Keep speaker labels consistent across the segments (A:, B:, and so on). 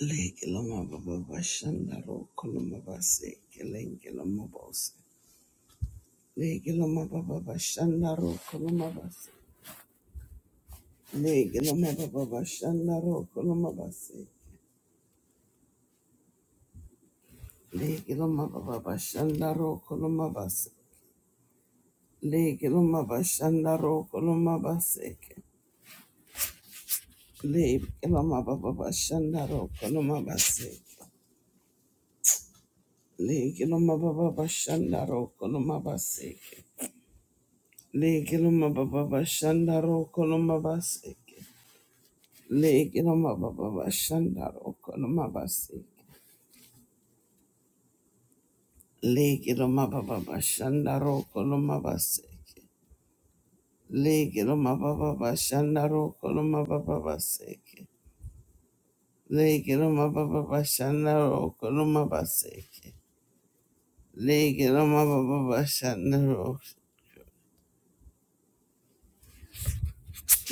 A: Legelo ma baba bashandaro koloma baseke. Lege no mababa bashanda roko no mabaseke. Lege no mababa bashanda roko no mabaseke. Lege no mababa bashanda roko no mababa baseke. Lege shanda mababa bashanda roko no mabaseke. Lege no mababa bashanda roko.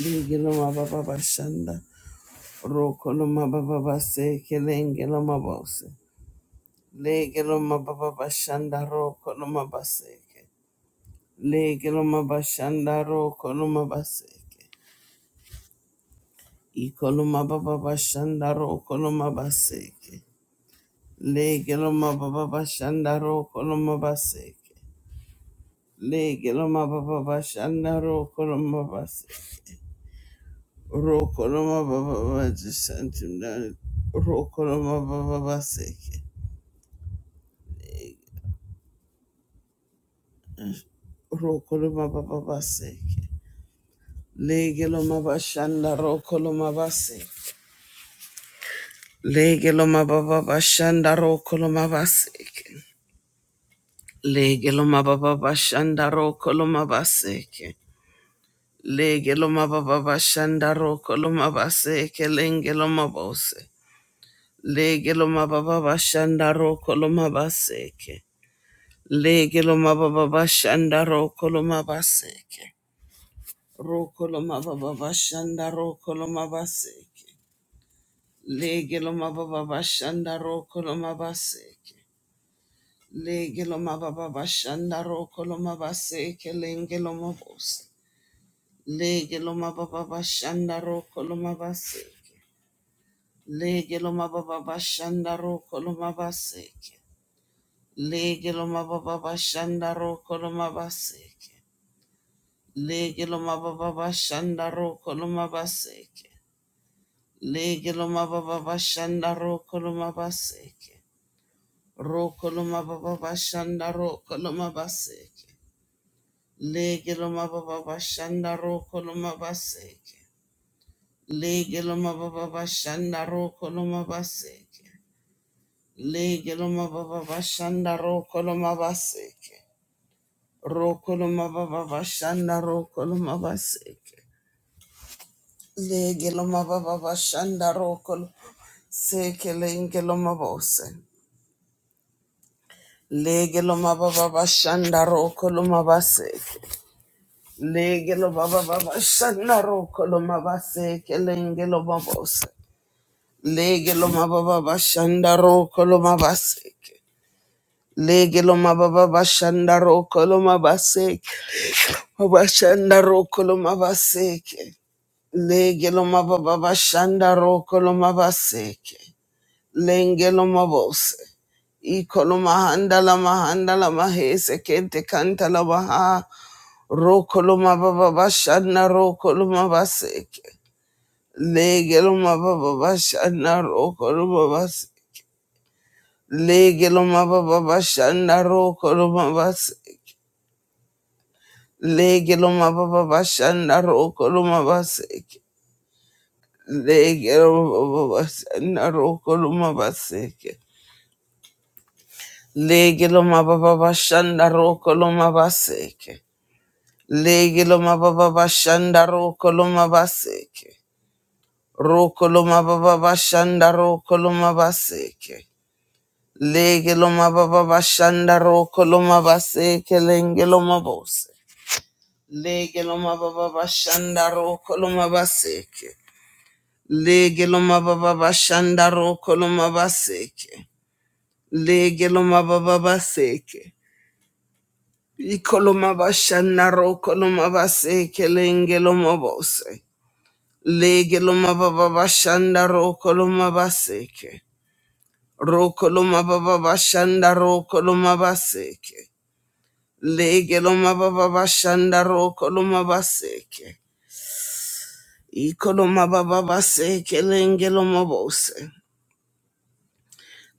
A: Lege no mababa bashanda roko no mababa baseke. Lege no mabose. Lege no mababa bashanda roko no mabaseke. Legeloma bashandaro koloma baseke. Ikoloma baba bashandaro koloma baseke. Legeloma baba bashandaro koloma baseke. Legeloma baba bashandaro koloma baseke. Rokoloma baba bashandaro rokoloma baba baseke. Rokoloma baba baseke. Legeloma bashandaro koloma baseke. Legeloma baba bashandaro koloma baseke. Lege lo mababa bashanda roko lo mabaseke. Lege lo mababa bashanda roko lo mabaseke lenge lo mabose. Lege lo mababa bashanda roko lo mabaseke. Lege lo mababa bashanda roko lo mabaseke. Roko lo mababa bashanda roko lo mabaseke. Lege lo mababa bashanda roko lo mabaseke. Lege lo mababa bashanda roko lo mabaseke lenge lo mabose. Lege loma baba bashanda roko loma baseke. Lege loma baba bashanda roko loma baseke. Lege loma baba bashanda roko loma baseke. Lege loma baba bashanda roko loma baseke. Lege loma baba bashanda roko loma baseke. Roko loma baba bashanda roko loma baseke. Lege loma baba bashanda roko loma baseke. Lege loma baba bashanda roko loma baseke. Lege loma baba bashanda roko loma baseke. Roko loma baba bashanda roko loma baseke. Lege loma baba bashanda roko lo- seke lenge loma bose. Lege loma baba bashanda roko loma baseke. Lege loma baba bashanda roko loma baseke lenge loma bose. Lege loma baba bashanda roko loma baseke. Legeloma baba bashanda rokoloma baseke. Bashanda rokoloma baseke. Legeloma baba bashanda rokoloma baseke. Lengeloma bose. Ikoloma handa la mahanda la mahese kente kanta la baha. Rokoloma baba bashanda rokoloma baseke. Legeloma baba bashanda rokoloma baseke. Legeloma baba bashanda rokoloma baseke. Lege loma baba bashanda roko loma baseke. Lege loma baba bashanda roko loma baseke. Lege loma baba bashanda roko loma baseke. Lege loma baba bashanda roko loma baseke. Roko loma baba bashanda roko loma baseke. Lege loma baba bashanda roko loma baseke lenge loma bose. Lege loma baba bashanda roko loma baseke. Lege loma baba bashanda roko loma baseke. Lege loma baba baseke. Iko loma bashanda roko loma baseke lenge loma bose. Lege baba bashanda roko baseke. Roko baba bashanda roko baseke. Lege baba bashanda roko baseke. Iko baba baseke lenge bose.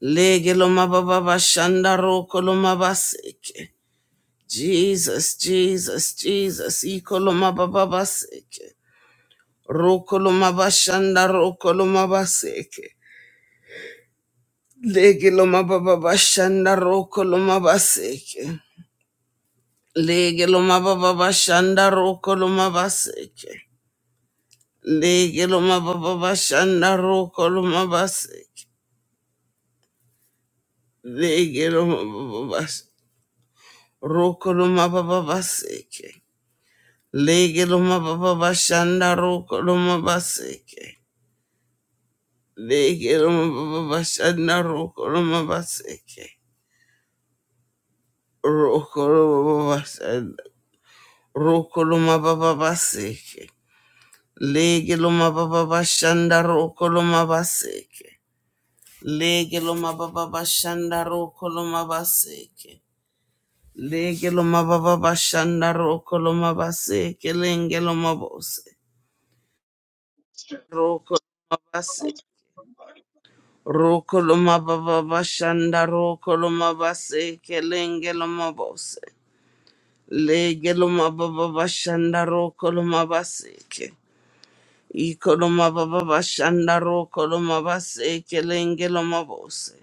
A: Lege lo mababa shanda roko lo mabaseke. Jesus, Jesus, Jesus. Iko lo mababa seke. Roko lo mabashanda roko lo mabaseke. Lege lo mababa shanda roko lo mabaseke. Lege lo mababa shanda roko lo mabaseke. Lege lo mababa shanda roko lo mabaseke. Lege lo mababa roko lo mababa seke. Lege loma baba bashanda roko loma baseke. Lege loma baba bashanda roko loma baseke. Roko loma bashanda roko loma baba baseke. Lege loma baba bashanda roko loma baseke. Lege loma baba bashanda roko loma baseke. Lege loma baba bashanda roko loma baseke. Lenge loma bose. Roko loma baseke. Rokoloma baba bashanda rokoloma base kelenge loma bose. Lege loma baba bashanda rokoloma baseke. Ikoloma baba bashanda rokoloma base kelenge loma bose.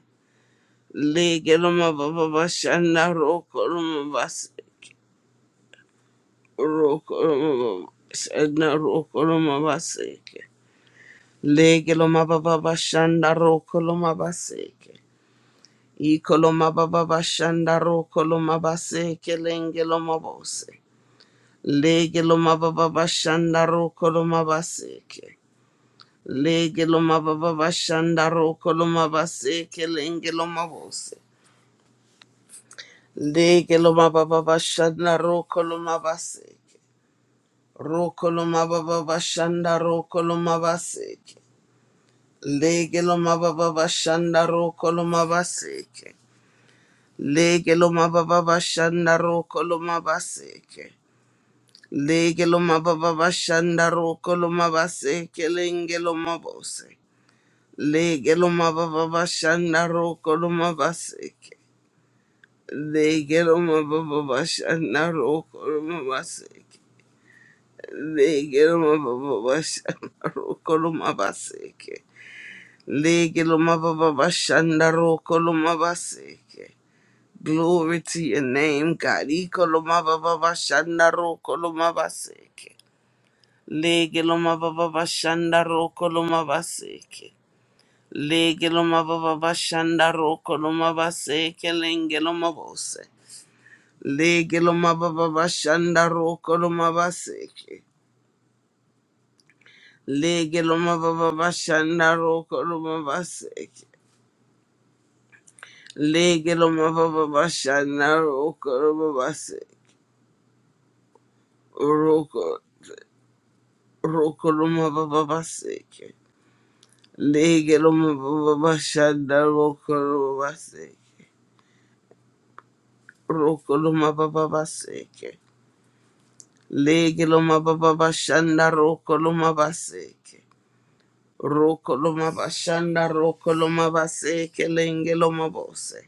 A: Lege loma baba bashanda rokoloma base. Rokoloma bashanda rokoloma baseke. Lege baba bashanda rokoloma baseke. Ikoloma baba bashanda koloma base kelenge loma bose. Lege loma baba bashanda koloma base ke. Lege loma baba bashanda koloma base kelenge loma bose. Lege loma baba bashanda koloma base ke. Ro koloma baba bashanda ro koloma base ke. Lege loma baba bashanda ke. Lege loma baba bashanda roko loma baseke. Lege loma baba bashanda roko loma baseke lenge loma bose. Lege loma baba bashanda roko loma baseke. Lege loma baba bashanda roko loma baseke. Lege loma baba bashanda roko loma baseke. Lege loma baba bashanda roko loma baseke. Glory to your name, God. Ikolomababa shandaro kolomabaseke. Legelomababa shandaro kolomabaseke. Legelomababa shandaro kolomabaseke lengelomabose. Legelomababa shandaro kolomabaseke. Legelomababa shandaro kolomabaseke. Legelomababa shandaro kolomabaseke. Roko Rokoloma baba baseke. Legeloma baba bashanda rokoloma baseke. Rokoloma baba baseke. Legeloma baba bashanda rokoloma baseke. Rokoloma bashanda rokoloma baseke lengeloma bose.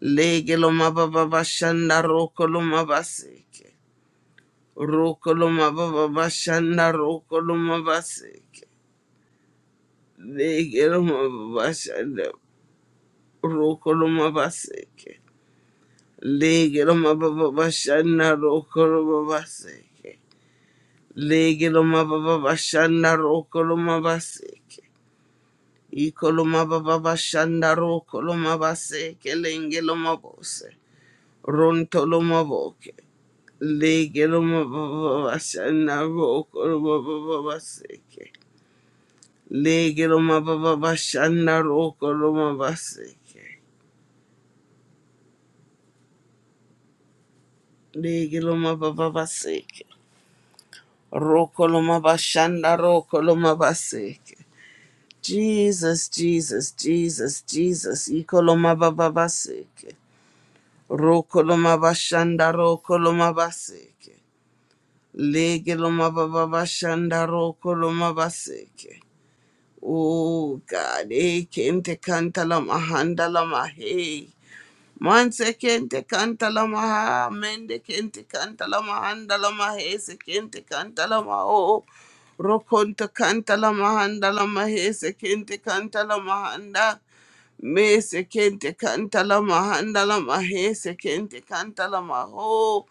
A: Legeloma baba bashanda rokoloma baseke. Rokoloma baba bashanda rokoloma baseke. Legeloma baba bashanda. Rokoloma baseke. Lege loma baba bashana rokoloma baseke. Lege loma baba bashana rokoloma baseke. Ikoloma baba bashana rokoloma baseke. Lenge loma bose. Ronto loma boke. Lege baba bashana rokoloma baba baseke. Lege loma baba bashana rokoloma baseke. Lege loma baba baseke. Rokoloma bashanda rokoloma baseke. Jesus, Jesus, Jesus, Jesus. Ikoloma baba baseke. Rokoloma bashanda rokoloma baseke. Legeloma baba bashanda rokoloma baseke. Oh God, eh, kente kanta la mahanda la mahe. Manse kente kanta la maha, mende kente kanta la mahanda la mahese kente kanta la maho. Rokonto kanta la mahanda la mahese kente kanta la mahanda. Me sekente kantala mahandala mahe sekente kantala maho.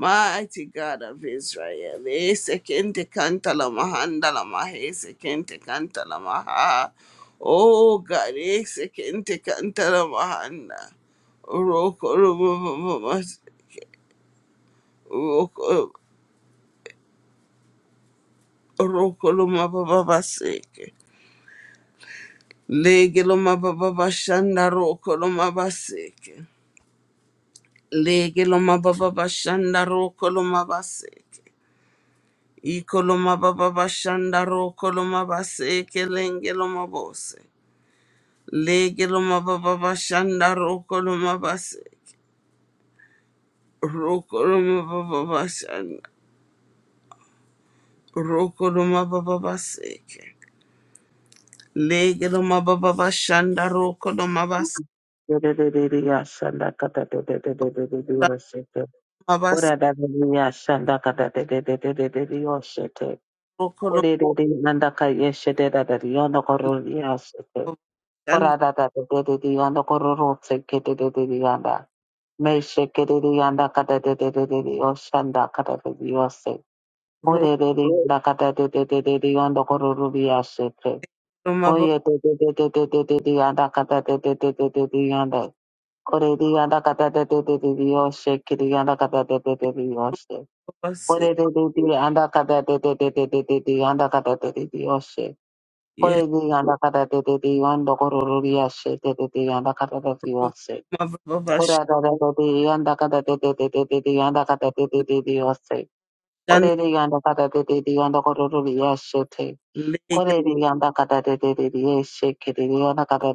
A: Mighty God of Israel, eh, sekente kantala mahandala mahe sekente kantala maha. Oh God, eh, sekente kantala mahanda. Roko roma mama mas- roko roko roma baba baseke. Lege loma baba bashanda roko loma baseke. Lege loma baba bashanda roko loma baseke. Iko loma baba bashanda roko loma baseke lenge loma bose. Lege loma baba bashanda roko loma baseke. Roko loma baba bashanda. Roko loma baba baseke. Lege loma baba bashanda roko loma baseke.
B: Oye, de de de de de de de de anda, cata de de
A: Mabas roko loma bashanda. Roko loma baba
B: de de de de anda. Odey, yanda kata te te te te te te. Oshet, kidey yanda kata te te te
A: baseke.
B: te te te. Yanda kata te te te. Oshet. Odey,
A: Roko
B: yanda kata te te te te te te. Yanda kata te te te. Oshet.
A: loma baba
B: Odey, yanda kata te te te. Yandokororuri oshet te te te. Yanda kata te te te. Oshet.
A: bashanda.
B: Odey, yanda kata te te te te te te. Yanda kata te te te te. Oshet. Odey, yanda kata te te te. Yandokororuri oshet te. Odey, yanda kata te te te te. Oshet kidey yanda kata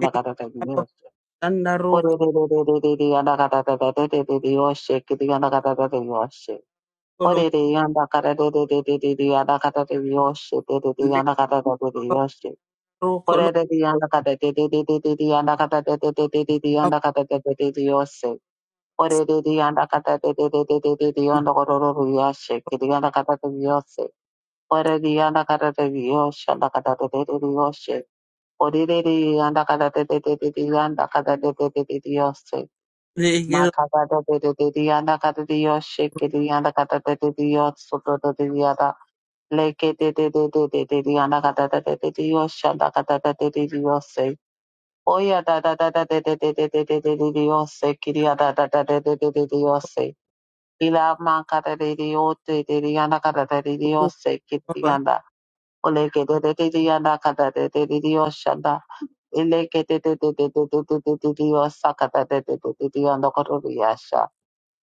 A: Legelo
B: te te te
A: mabos,
B: te. Ore
A: legelo
B: re re re re re re yanda kata tata re re re re yoshe kiri yanda kata tata yoshe. Ore re yanda kata re re re re re re yanda kata re yoshe re re re yanda kata tata re
A: mabos,
B: yoshe.
A: roko,
B: Ore re re yanda kata re re re re re re yanda kata re re re re re yanda kata re re re re yoshe. Ore re re yanda kata re re re re re re re yanda koro ro ro yoshe kiri yanda kata re yoshe. Ore re yanda kata re yoshe yanda kata re re re yoshe. Ore re re yanda kata re re re re re yanda kata re re re re yoshe. Makata de de Diana Cata Dios, shake it Diana Cata de Dios, Soto de Diana, Lake de de de de de Diana Cata de Dios, Shanda Cata de Dios, say, Oya da da da da de de de de de de de Dios, say, Kiria da da da de de de de Dios, say, Ila Mancata de Dios, de de Diana Cata de Dios, say, Kirianda, Oleke de de de Diana Cata de de Dios, Shanda, Eleke de de de de de de de Dios, Sakata de de de Diana Cotoriasha.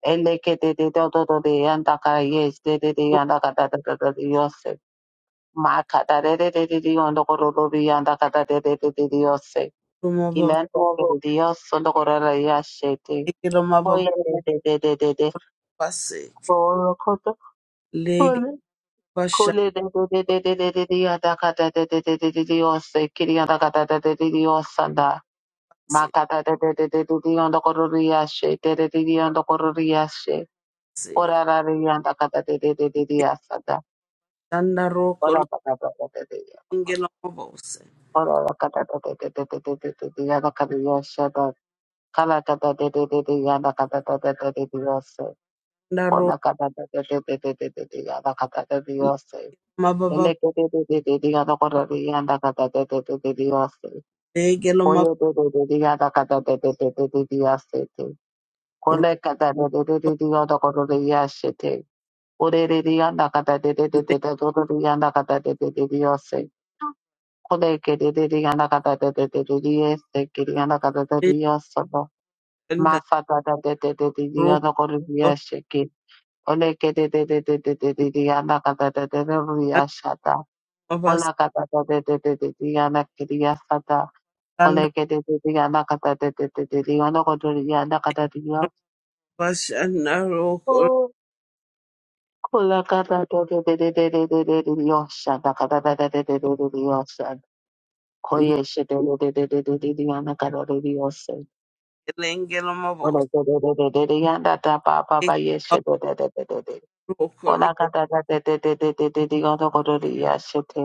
B: Makata Ora rari yanda kata de de de yanda ka da da da da de yose. Ma ka da de yasada. Kona kada kada dedia kona kada kada dedia dedia dada kada dedia dedia dedia kona kada dedia dedia dedia dedia dada kada dedia dedia kona kada dedia dedia dedia dada kada dedia dedia kona kada dedia dedia dada kona dedia dedia dedia dada kada dedia dedia Kole kere de yanda kata de de de se kere yanda kata de de saba. Masa da da de de de de yanda kore diye şeki. Ole kere de de de de yanda kata de de de şata. Ola kata de de de de yanda kere diye sata. Ole kere de yanda kata de de de yanda kore diye yanda de diye. Kola kata de de de de de şata kata de de de de şata. Koye shete de de de de de yanda kata diye Ola ke ke de yanda yanda yanda yanda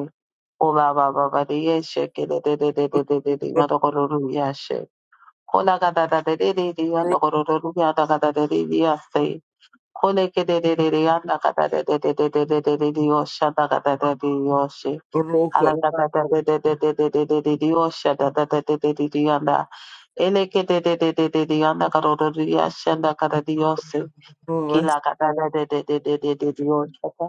B: Ola Ola ka da da da da da da da da da yanda ko do ri yashe te. Ola ba ba ba ba
A: roko, roko,
B: Alabrakatadadadadadadadadadiyosha Elekedededededeyanda karodoriyashanda karadiyose.
A: roko,
B: Kilakadadadadadadadadadiyoshaka.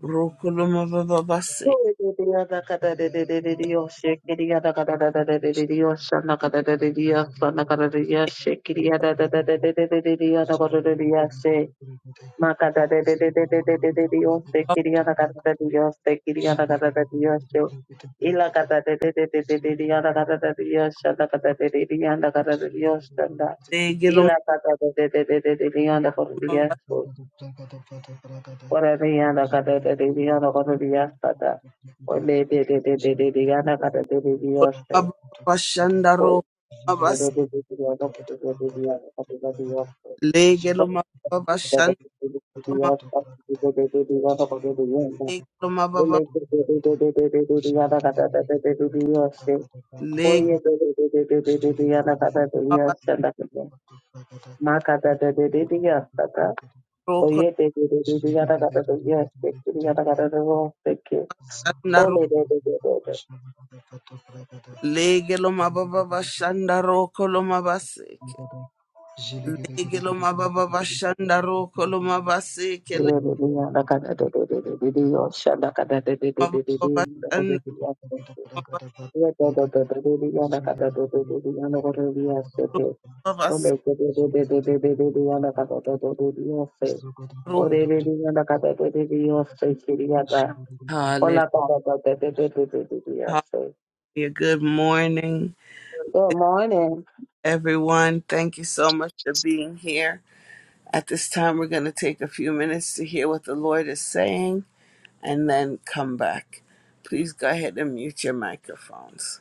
A: Rokoloma baba basi
B: Dededeyanda kadadadadadadadiyoshe. Kiriyanda
C: Thank
B: kadadadadadadadiyoshanda kadadadadadadiyosanda karadiyashe. Kiriyanda dadadadadadadadiyanda karodoriyashe. Makada de de de de de de de de Dios te quería la cara de Dios te quería la cara de Dios yo y la cara de de de de de de de la cara de Dios la cara de de de la cara de Dios tanda y
A: legeloma
B: la cara de de de de de de de la cara de Dios
A: baba
B: por ahí la cara de de de la cara de Dios tanda por de de de de de de de la cara de de Dios te
A: baba
C: you.
A: bashanda
B: por
A: rokoloma
B: de de
A: basi
B: de
C: Zile
B: de de de la cara de Dios la cara de Dios por de de de de de de de
A: legeloma baba bashanda loma
B: la cara de Dios
A: legeloma baba
B: Oye,
A: legeloma baba rokoloma ro legeloma baba bashanda rokoloma basi legeloma baba bashanda rokoloma basi legeloma baba bashanda rokoloma basi
B: Good
A: hallelujah good morning
B: morning.
A: everyone thank you so much for being here At this time, we're going to take a few minutes to hear what the Lord is saying and then come back. Please go ahead and mute your microphones.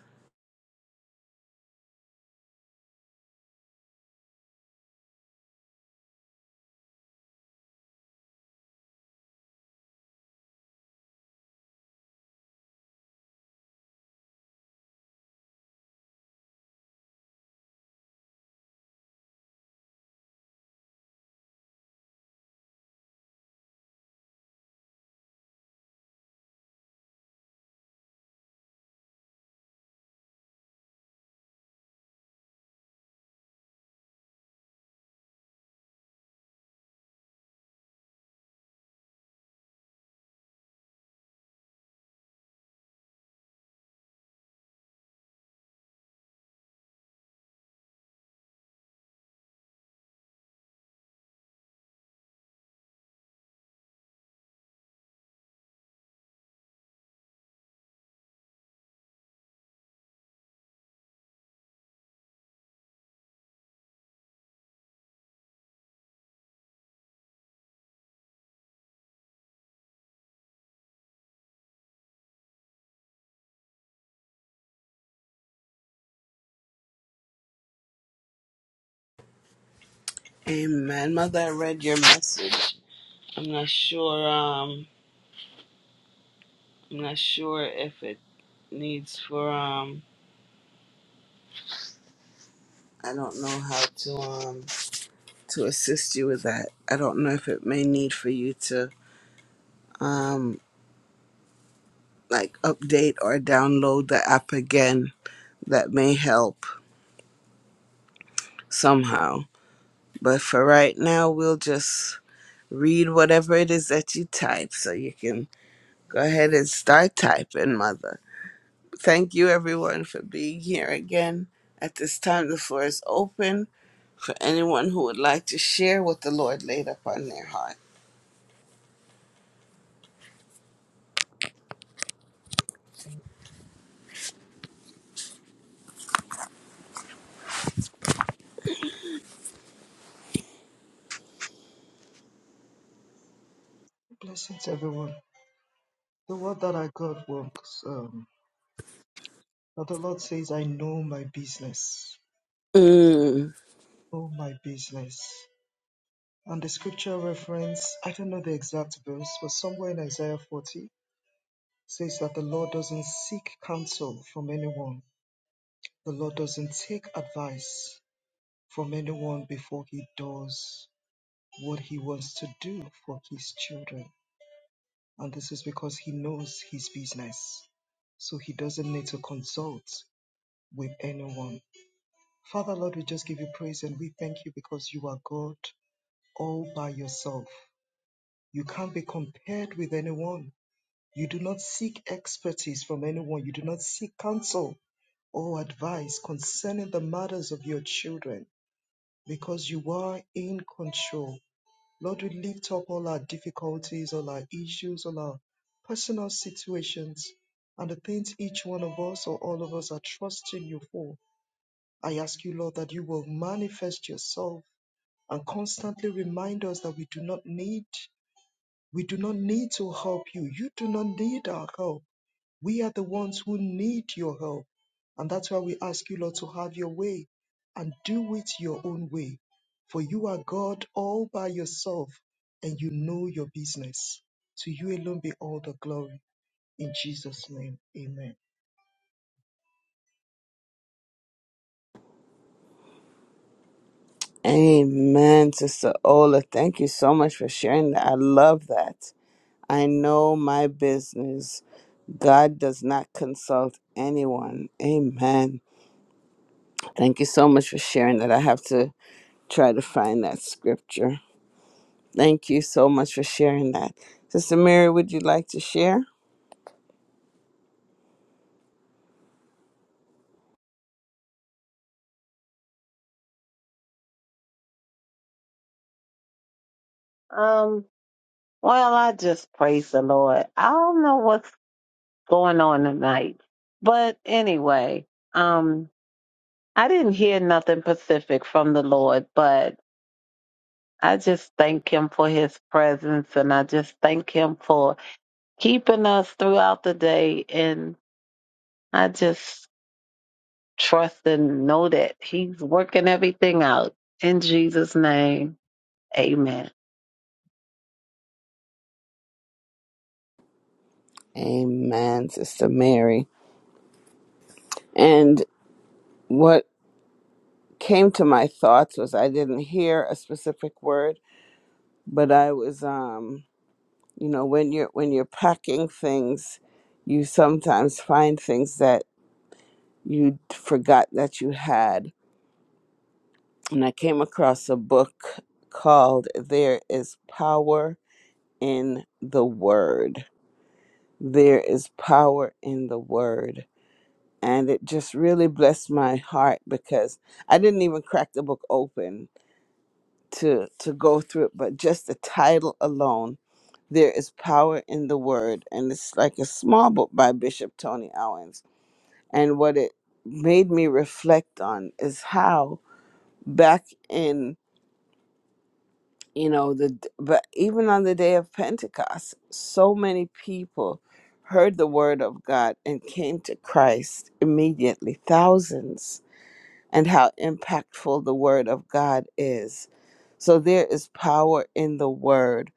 A: Amen. Mother, I read your message. I'm not sure, um, I'm not sure if it needs for, um, I don't know how to, um, to assist you with that. I don't know if it may need for you to, um, like update or download the app again. That may help somehow. But for right now, we'll just read whatever it is that you type so you can go ahead and start typing, Mother. Thank you, everyone, for being here again. At this time, the floor is open for anyone who would like to share what the Lord laid upon their heart.
C: Blessings, everyone. The word that I got works. Um, but the Lord says, I know my business.
A: Mm,
C: Oh my business. And the scripture reference, I don't know the exact verse, but somewhere in Isaiah 40 says that the Lord doesn't seek counsel from anyone. The Lord doesn't take advice from anyone before he does what he wants to do for his children. And this is because he knows his business. So he doesn't need to consult with anyone. Father Lord, we just give you praise and we thank you because you are God all by yourself. You can't be compared with anyone. You do not seek expertise from anyone. You do not seek counsel or advice concerning the matters of your children because you are in control. Lord, we lift up all our difficulties, all our issues, all our personal situations, and the things each one of us or all of us are trusting you for. I ask you, Lord, that you will manifest yourself and constantly remind us that we do not need we do not need to help you. You do not need our help. We are the ones who need your help. And that's why we ask you, Lord, to have your way and do it your own way. For you are God all by yourself and you know your business. To you alone be all the glory. In Jesus' name, amen.
A: amen, Sister Ola. Thank you so much for sharing that. I love that. I know my business. God does not consult anyone. Amen. Thank you so much for sharing that. I have to try to find that scripture. Thank you so much for sharing that. Sister Mary, would you like to share?
B: Um, well, I just praise the Lord. I don't know what's going on tonight, but anyway, um, I didn't hear nothing specific from the Lord, but I just thank Him for His presence and I just thank Him for keeping us throughout the day. And I just trust and know that He's working everything out. In Jesus' name, amen.
A: Amen, Sister Mary. And what came to my thoughts was I didn't hear a specific word, but I was um, you know, when you're when you're packing things, you sometimes find things that you forgot that you had. And I came across a book called There is Power in the Word there is power in the word. And it just really blessed my heart because I didn't even crack the book open to to go through it, but just the title alone, there is power in the word. And it's like a small book by Bishop Tony Owens. And what it made me reflect on is how back in you know the but even on the day of pentecost so many people heard the word of god and came to christ immediately thousands and how impactful the word of god is so there is power in the word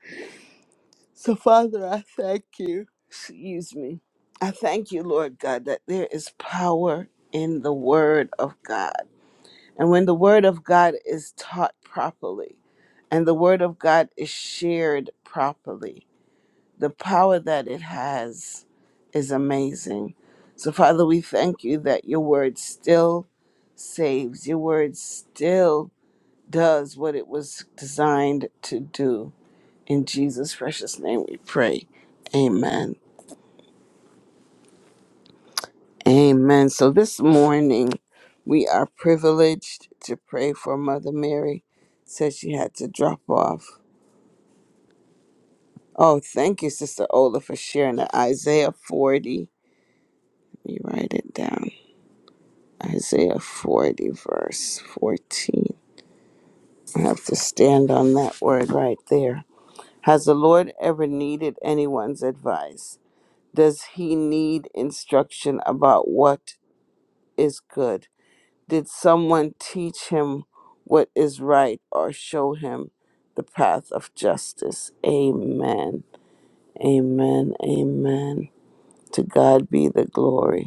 A: so father i thank you excuse me i thank you lord god that there is power in the word of god and when the Word of God is taught properly and the Word of God is shared properly, the power that it has is amazing. So, Father, we thank you that your Word still saves, your Word still does what it was designed to do. In Jesus' precious name we pray. Amen. Amen. So, this morning we are privileged to pray for Mother Mary. Said she had to drop off Oh, thank you, Sister Ola, for sharing that. Isaiah 40. Let me write it down. Isaiah 40, verse 14. I have to stand on that word right there. Has the Lord ever needed anyone's advice? Does he need instruction about what is good? Did someone teach him what is right or show him the path of justice? Amen. Amen. Amen. To God be the glory.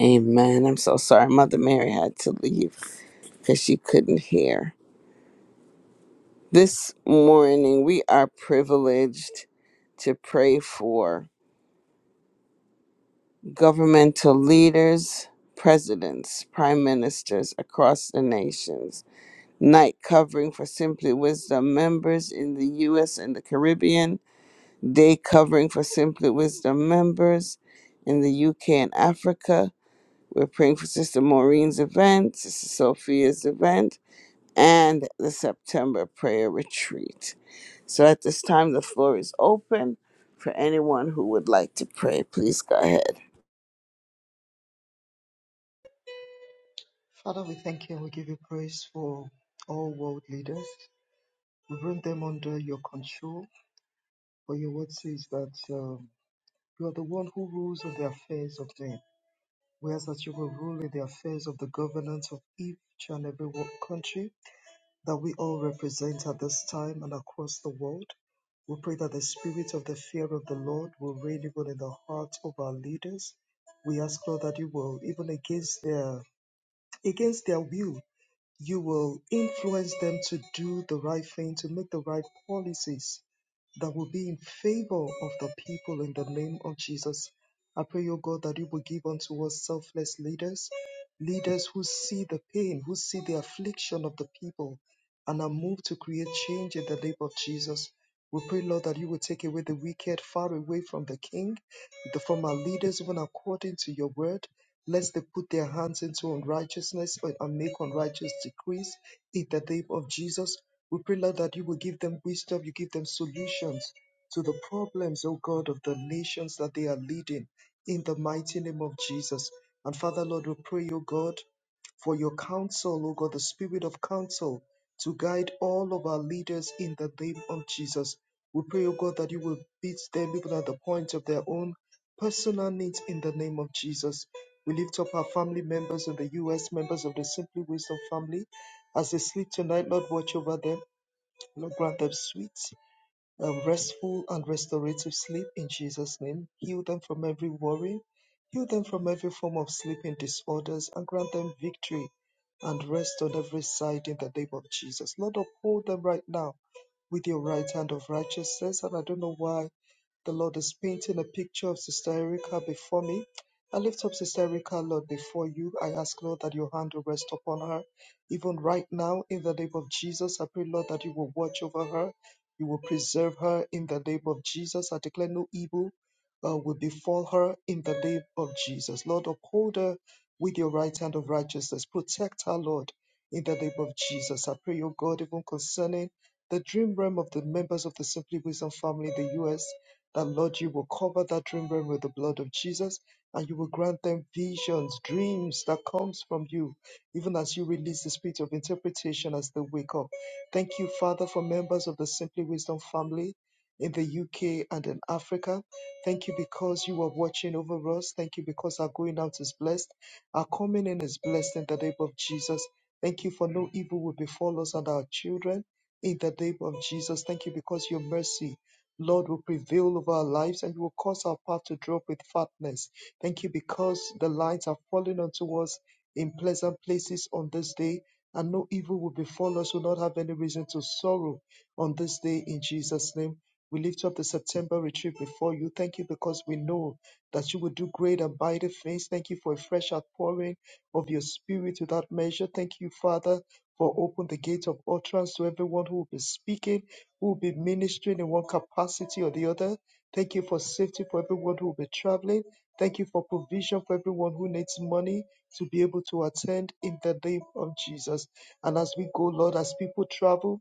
A: Amen. I'm so sorry. Mother Mary had to leave because she couldn't hear. This morning, we are privileged to pray for governmental leaders, presidents, prime ministers across the nations. Night covering for Simply Wisdom members in the U.S. and the Caribbean. Day covering for Simply Wisdom members in the U.K. and Africa. We're praying for Sister Maureen's event, Sister Sophia's event. and the September prayer retreat. So at this time, the floor is open for anyone who would like to pray. Please go ahead.
C: Father, we thank you and we give you praise for all world leaders. We bring them under your control, for your word says that um, you are the one who rules on the affairs of men. Whereas that you will rule in the affairs of the governance of each and every wo- country that we all represent at this time and across the world. We pray that the spirit of the fear of the Lord will reign even in the hearts of our leaders. We ask, Lord, that you will, even against their against their will, you will influence them to do the right thing, to make the right policies that will be in favor of the people in the name of Jesus. I pray, O God, that you will give unto us selfless leaders, leaders who see the pain, who see the affliction of the people, and are moved to create change in the name of Jesus. We pray, Lord, that you will take away the wicked far away from the king, the- from our leaders, even according to your word. Lest they put their hands into unrighteousness and and make unrighteous decrees in the name of Jesus. We pray, Lord, that you will give them wisdom, you give them solutions to the problems, O God, of the nations that they are leading in the mighty name of Jesus. And Father, Lord, we pray, O God, for your counsel, O God, the spirit of counsel to guide all of our leaders in the name of Jesus. We pray, O God, that you will beat them even at the point of their own personal needs in the name of Jesus. We lift up our family members in the U.S., members of the Simply Wisdom family. As they sleep tonight, Lord, watch over them. Lord, grant them sweet, um, restful, and restorative sleep in Jesus' name. Heal them from every worry. Heal them from every form of sleeping disorders and grant them victory and rest on every side in the name of Jesus. Lord, uphold them right now with your right hand of righteousness. And I don't know why the Lord is painting a picture of Sister Erica before me. I lift up Sister Erica, Lord, before you. I ask, Lord, that your hand will rest upon her. Even right now, in the name of Jesus, I pray, Lord, that you will watch over her. You will preserve her in the name of Jesus. I declare no evil uh, will befall her in the name of Jesus. Lord, uphold her with your right hand of righteousness. Protect her, Lord, in the name of Jesus. I pray, O God, even concerning the dream realm of the members of the Simply Wisdom family in the U.S that Lord, you will cover that room realm with the blood of Jesus and you will grant them visions, dreams that comes from you, even as you release the spirit of interpretation as they wake up. Thank you, Father, for members of the Simply Wisdom family in the UK and in Africa. Thank you because you are watching over us. Thank you because our going out is blessed. Our coming in is blessed in the name of Jesus. Thank you for no evil will befall us and our children in the name of Jesus. Thank you because your mercy Lord, will prevail over our lives and you will cause our path to drop with fatness. Thank you because the lights are falling unto us in pleasant places on this day, and no evil will befall us, will not have any reason to sorrow on this day in Jesus' name. We lift up the September retreat before you. Thank you because we know that you will do great and mighty things. Thank you for a fresh outpouring of your spirit without measure. Thank you, Father, for open the gate of utterance to everyone who will be speaking who will be ministering in one capacity or the other. Thank you for safety for everyone who will be traveling. Thank you for provision for everyone who needs money to be able to attend in the name of Jesus. And as we go, Lord, as people travel,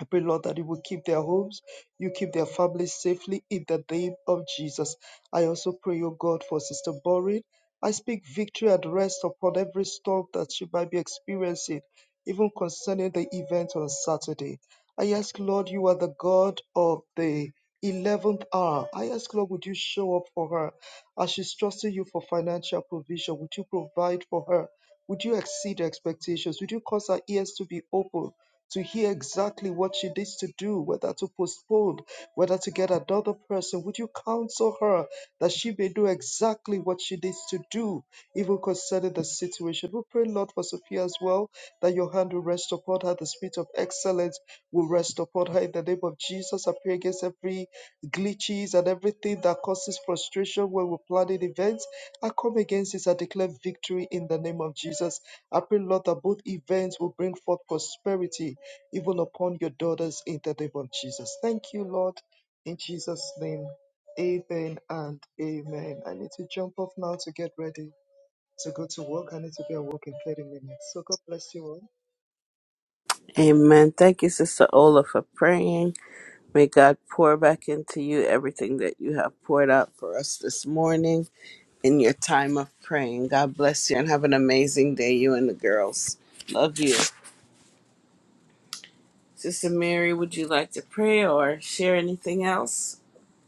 C: I pray, Lord, that you will keep their homes, you keep their families safely in the name of Jesus. I also pray, O God, for Sister Borin. I speak victory and rest upon every storm that she might be experiencing, even concerning the event on Saturday. I ask, Lord, you are the God of the 11th hour. I ask, Lord, would you show up for her as she's trusting you for financial provision? Would you provide for her? Would you exceed her expectations? Would you cause her ears to be open? to hear exactly what she needs to do, whether to postpone, whether to get another person. Would you counsel her that she may know exactly what she needs to do, even concerning the situation? We pray, Lord, for Sophia as well, that your hand will rest upon her, the spirit of excellence will rest upon her in the name of Jesus. I pray against every glitches and everything that causes frustration when we're planning events. I come against this. I declare victory in the name of Jesus. I pray, Lord, that both events will bring forth prosperity even upon your daughters in the name of Jesus. Thank you, Lord, in Jesus' name. Amen and amen. I need to jump off now to get ready to go to work. I need to be at work in 30 minutes. So God bless you all.
A: Amen. Thank you, Sister Ola, for praying. May God pour back into you everything that you have poured out for us this morning in your time of praying. God bless you and have an amazing day, you and the girls. Love you. Sister Mary, would you like to pray or share anything else?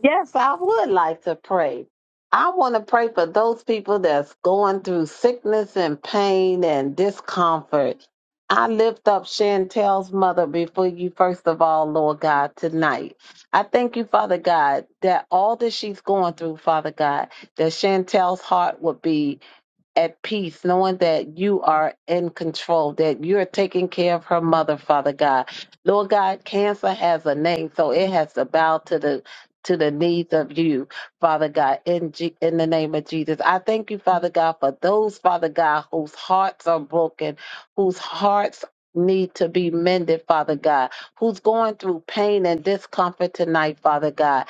B: Yes, I would like to pray. I want to pray for those people that's going through sickness and pain and discomfort. I lift up Chantel's mother before you, first of all, Lord God, tonight. I thank you, Father God, that all that she's going through, Father God, that Chantel's heart would be at peace, knowing that you are in control, that you're taking care of her mother, Father God. Lord God, cancer has a name, so it has to bow to the to the needs of you, Father God, in G- in the name of Jesus. I thank you, Father God, for those, Father God, whose hearts are broken, whose hearts need to be mended, Father God, who's going through pain and discomfort tonight, Father God.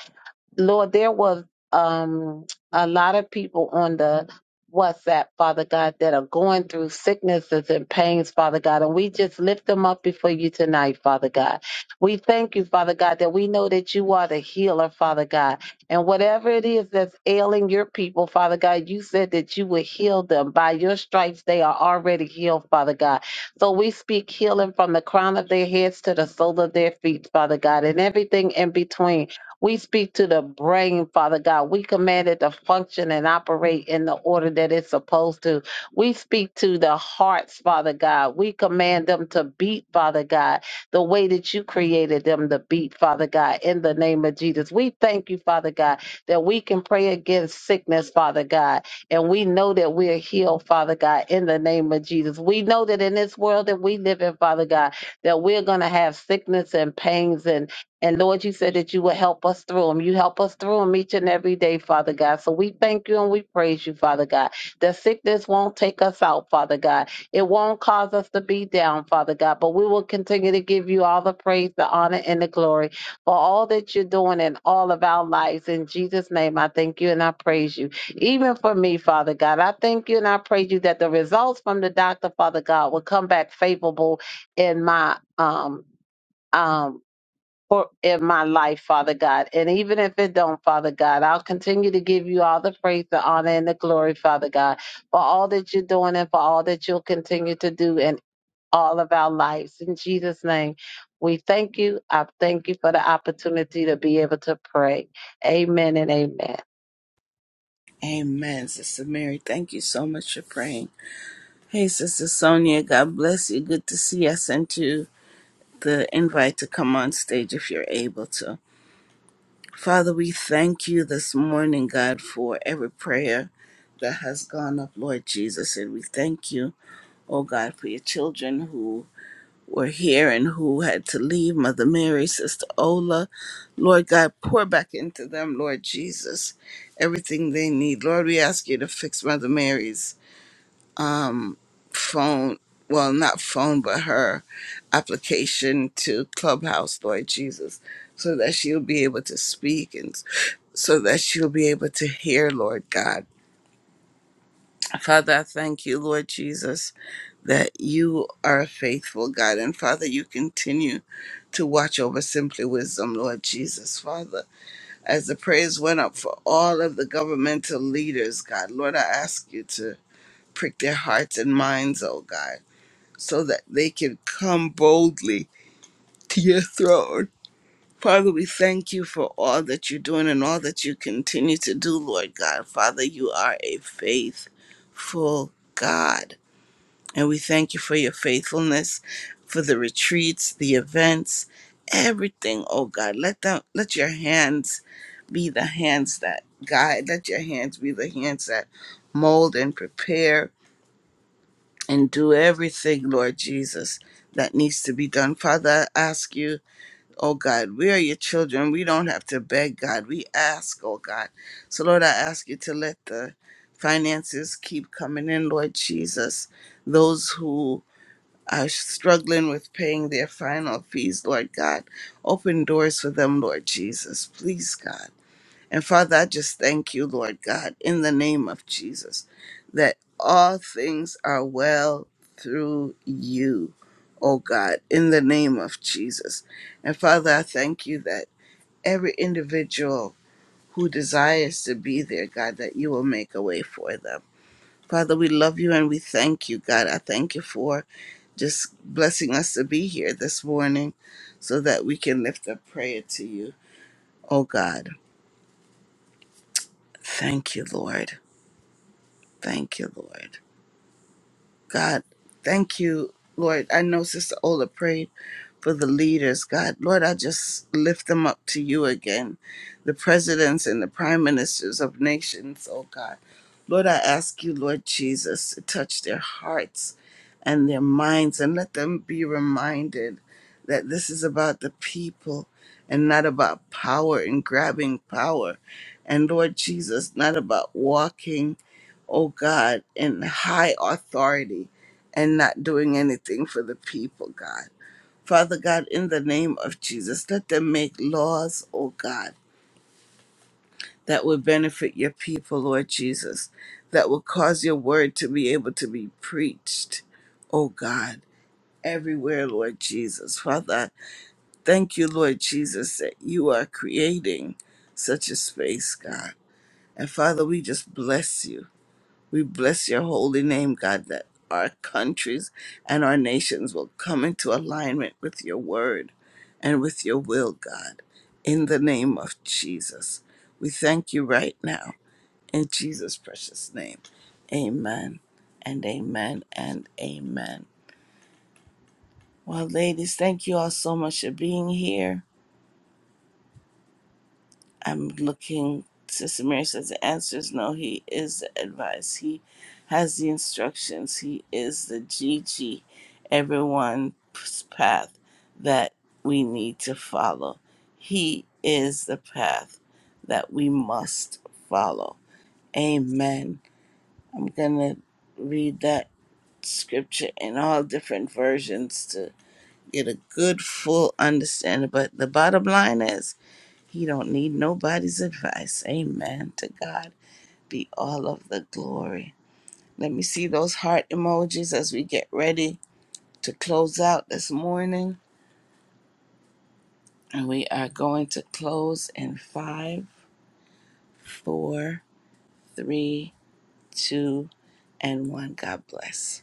B: Lord, there was um, a lot of people on the WhatsApp, Father God, that are going through sicknesses and pains, Father God, and we just lift them up before you tonight, Father God. We thank you, Father God, that we know that you are the healer, Father God, and whatever it is that's ailing your people, Father God, you said that you would heal them. By your stripes, they are already healed, Father God. So we speak healing from the crown of their heads to the sole of their feet, Father God, and everything in between. We speak to the brain, Father God. We command it to function and operate in the order that it's supposed to. We speak to the hearts, Father God. We command them to beat, Father God, the way that you created them to beat, Father God, in the name of Jesus. We thank you, Father God, that we can pray against sickness, Father God, and we know that we're healed, Father God, in the name of Jesus. We know that in this world that we live in, Father God, that we're going to have sickness and pains and and Lord, you said that you will help us through them. You help us through them each and every day, Father God. So we thank you and we praise you, Father God. The sickness won't take us out, Father God. It won't cause us to be down, Father God. But we will continue to give you all the praise, the honor, and the glory for all that you're doing in all of our lives. In Jesus' name, I thank you and I praise you. Even for me, Father God, I thank you and I praise you that the results from the doctor, Father God, will come back favorable in my um um for in my life, Father God. And even if it don't, Father God, I'll continue to give you all the praise, the honor, and the glory, Father God, for all that you're doing and for all that you'll continue to do in all of our lives. In Jesus' name, we thank you. I thank you for the opportunity to be able to pray. Amen and amen.
A: Amen, Sister Mary. Thank you so much for praying. Hey, Sister Sonia, God bless you. Good to see you. I sent you the invite to come on stage if you're able to. Father, we thank you this morning, God, for every prayer that has gone up, Lord Jesus. And we thank you, oh God, for your children who were here and who had to leave. Mother Mary, Sister Ola, Lord God, pour back into them, Lord Jesus, everything they need. Lord, we ask you to fix Mother Mary's. phone, well, not phone, but her application to Clubhouse, Lord Jesus, so that she'll be able to speak and so that she'll be able to hear, Lord God. Father, I thank you, Lord Jesus, that you are a faithful God. And Father, you continue to watch over Simply Wisdom, Lord Jesus. Father, as the prayers went up for all of the governmental leaders, God, Lord, I ask you to prick their hearts and minds, oh God so that they can come boldly to your throne. Father, we thank you for all that you're doing and all that you continue to do, Lord God. Father, you are a faithful God. And we thank you for your faithfulness, for the retreats, the events, everything, oh God. Let them let your hands be the hands that guide. Let your hands be the hands that mold and prepare and do everything, Lord Jesus, that needs to be done. Father, I ask you, oh God, we are your children. We don't have to beg God. We ask, oh God. So, Lord, I ask you to let the finances keep coming in, Lord Jesus. Those who are struggling with paying their final fees, Lord God, open doors for them, Lord Jesus. Please, God. And Father, I just thank you, Lord God, in the name of Jesus, that all things are well through you, oh God, in the name of Jesus. And Father, I thank you that every individual who desires to be there, God, that you will make a way for them. Father, we love you and we thank you, God. I thank you for just blessing us to be here this morning so that we can lift up prayer to you, oh God. Thank you, Lord. Thank you, Lord. God, thank you, Lord. I know Sister Ola prayed for the leaders. God, Lord, I just lift them up to you again. The presidents and the prime ministers of nations, oh God. Lord, I ask you, Lord Jesus, to touch their hearts and their minds and let them be reminded that this is about the people and not about power and grabbing power. And Lord Jesus, not about walking oh God, in high authority and not doing anything for the people, God. Father God, in the name of Jesus, let them make laws, oh God, that will benefit your people, Lord Jesus, that will cause your word to be able to be preached, oh God, everywhere, Lord Jesus. Father, thank you, Lord Jesus, that you are creating such a space, God. And Father, we just bless you. We bless your holy name, God, that our countries and our nations will come into alignment with your word and with your will, God, in the name of Jesus. We thank you right now in Jesus' precious name. Amen and amen and amen. Well, ladies, thank you all so much for being here. I'm looking. Sister Mary says the answer is no. He is the advice. He has the instructions. He is the G. G. everyone's path that we need to follow. He is the path that we must follow. Amen. I'm going to read that scripture in all different versions to get a good, full understanding. But the bottom line is he don't need nobody's advice. Amen. To God be all of the glory. Let me see those heart emojis as we get ready to close out this morning. And we are going to close in five, four, three, two, and one. God bless.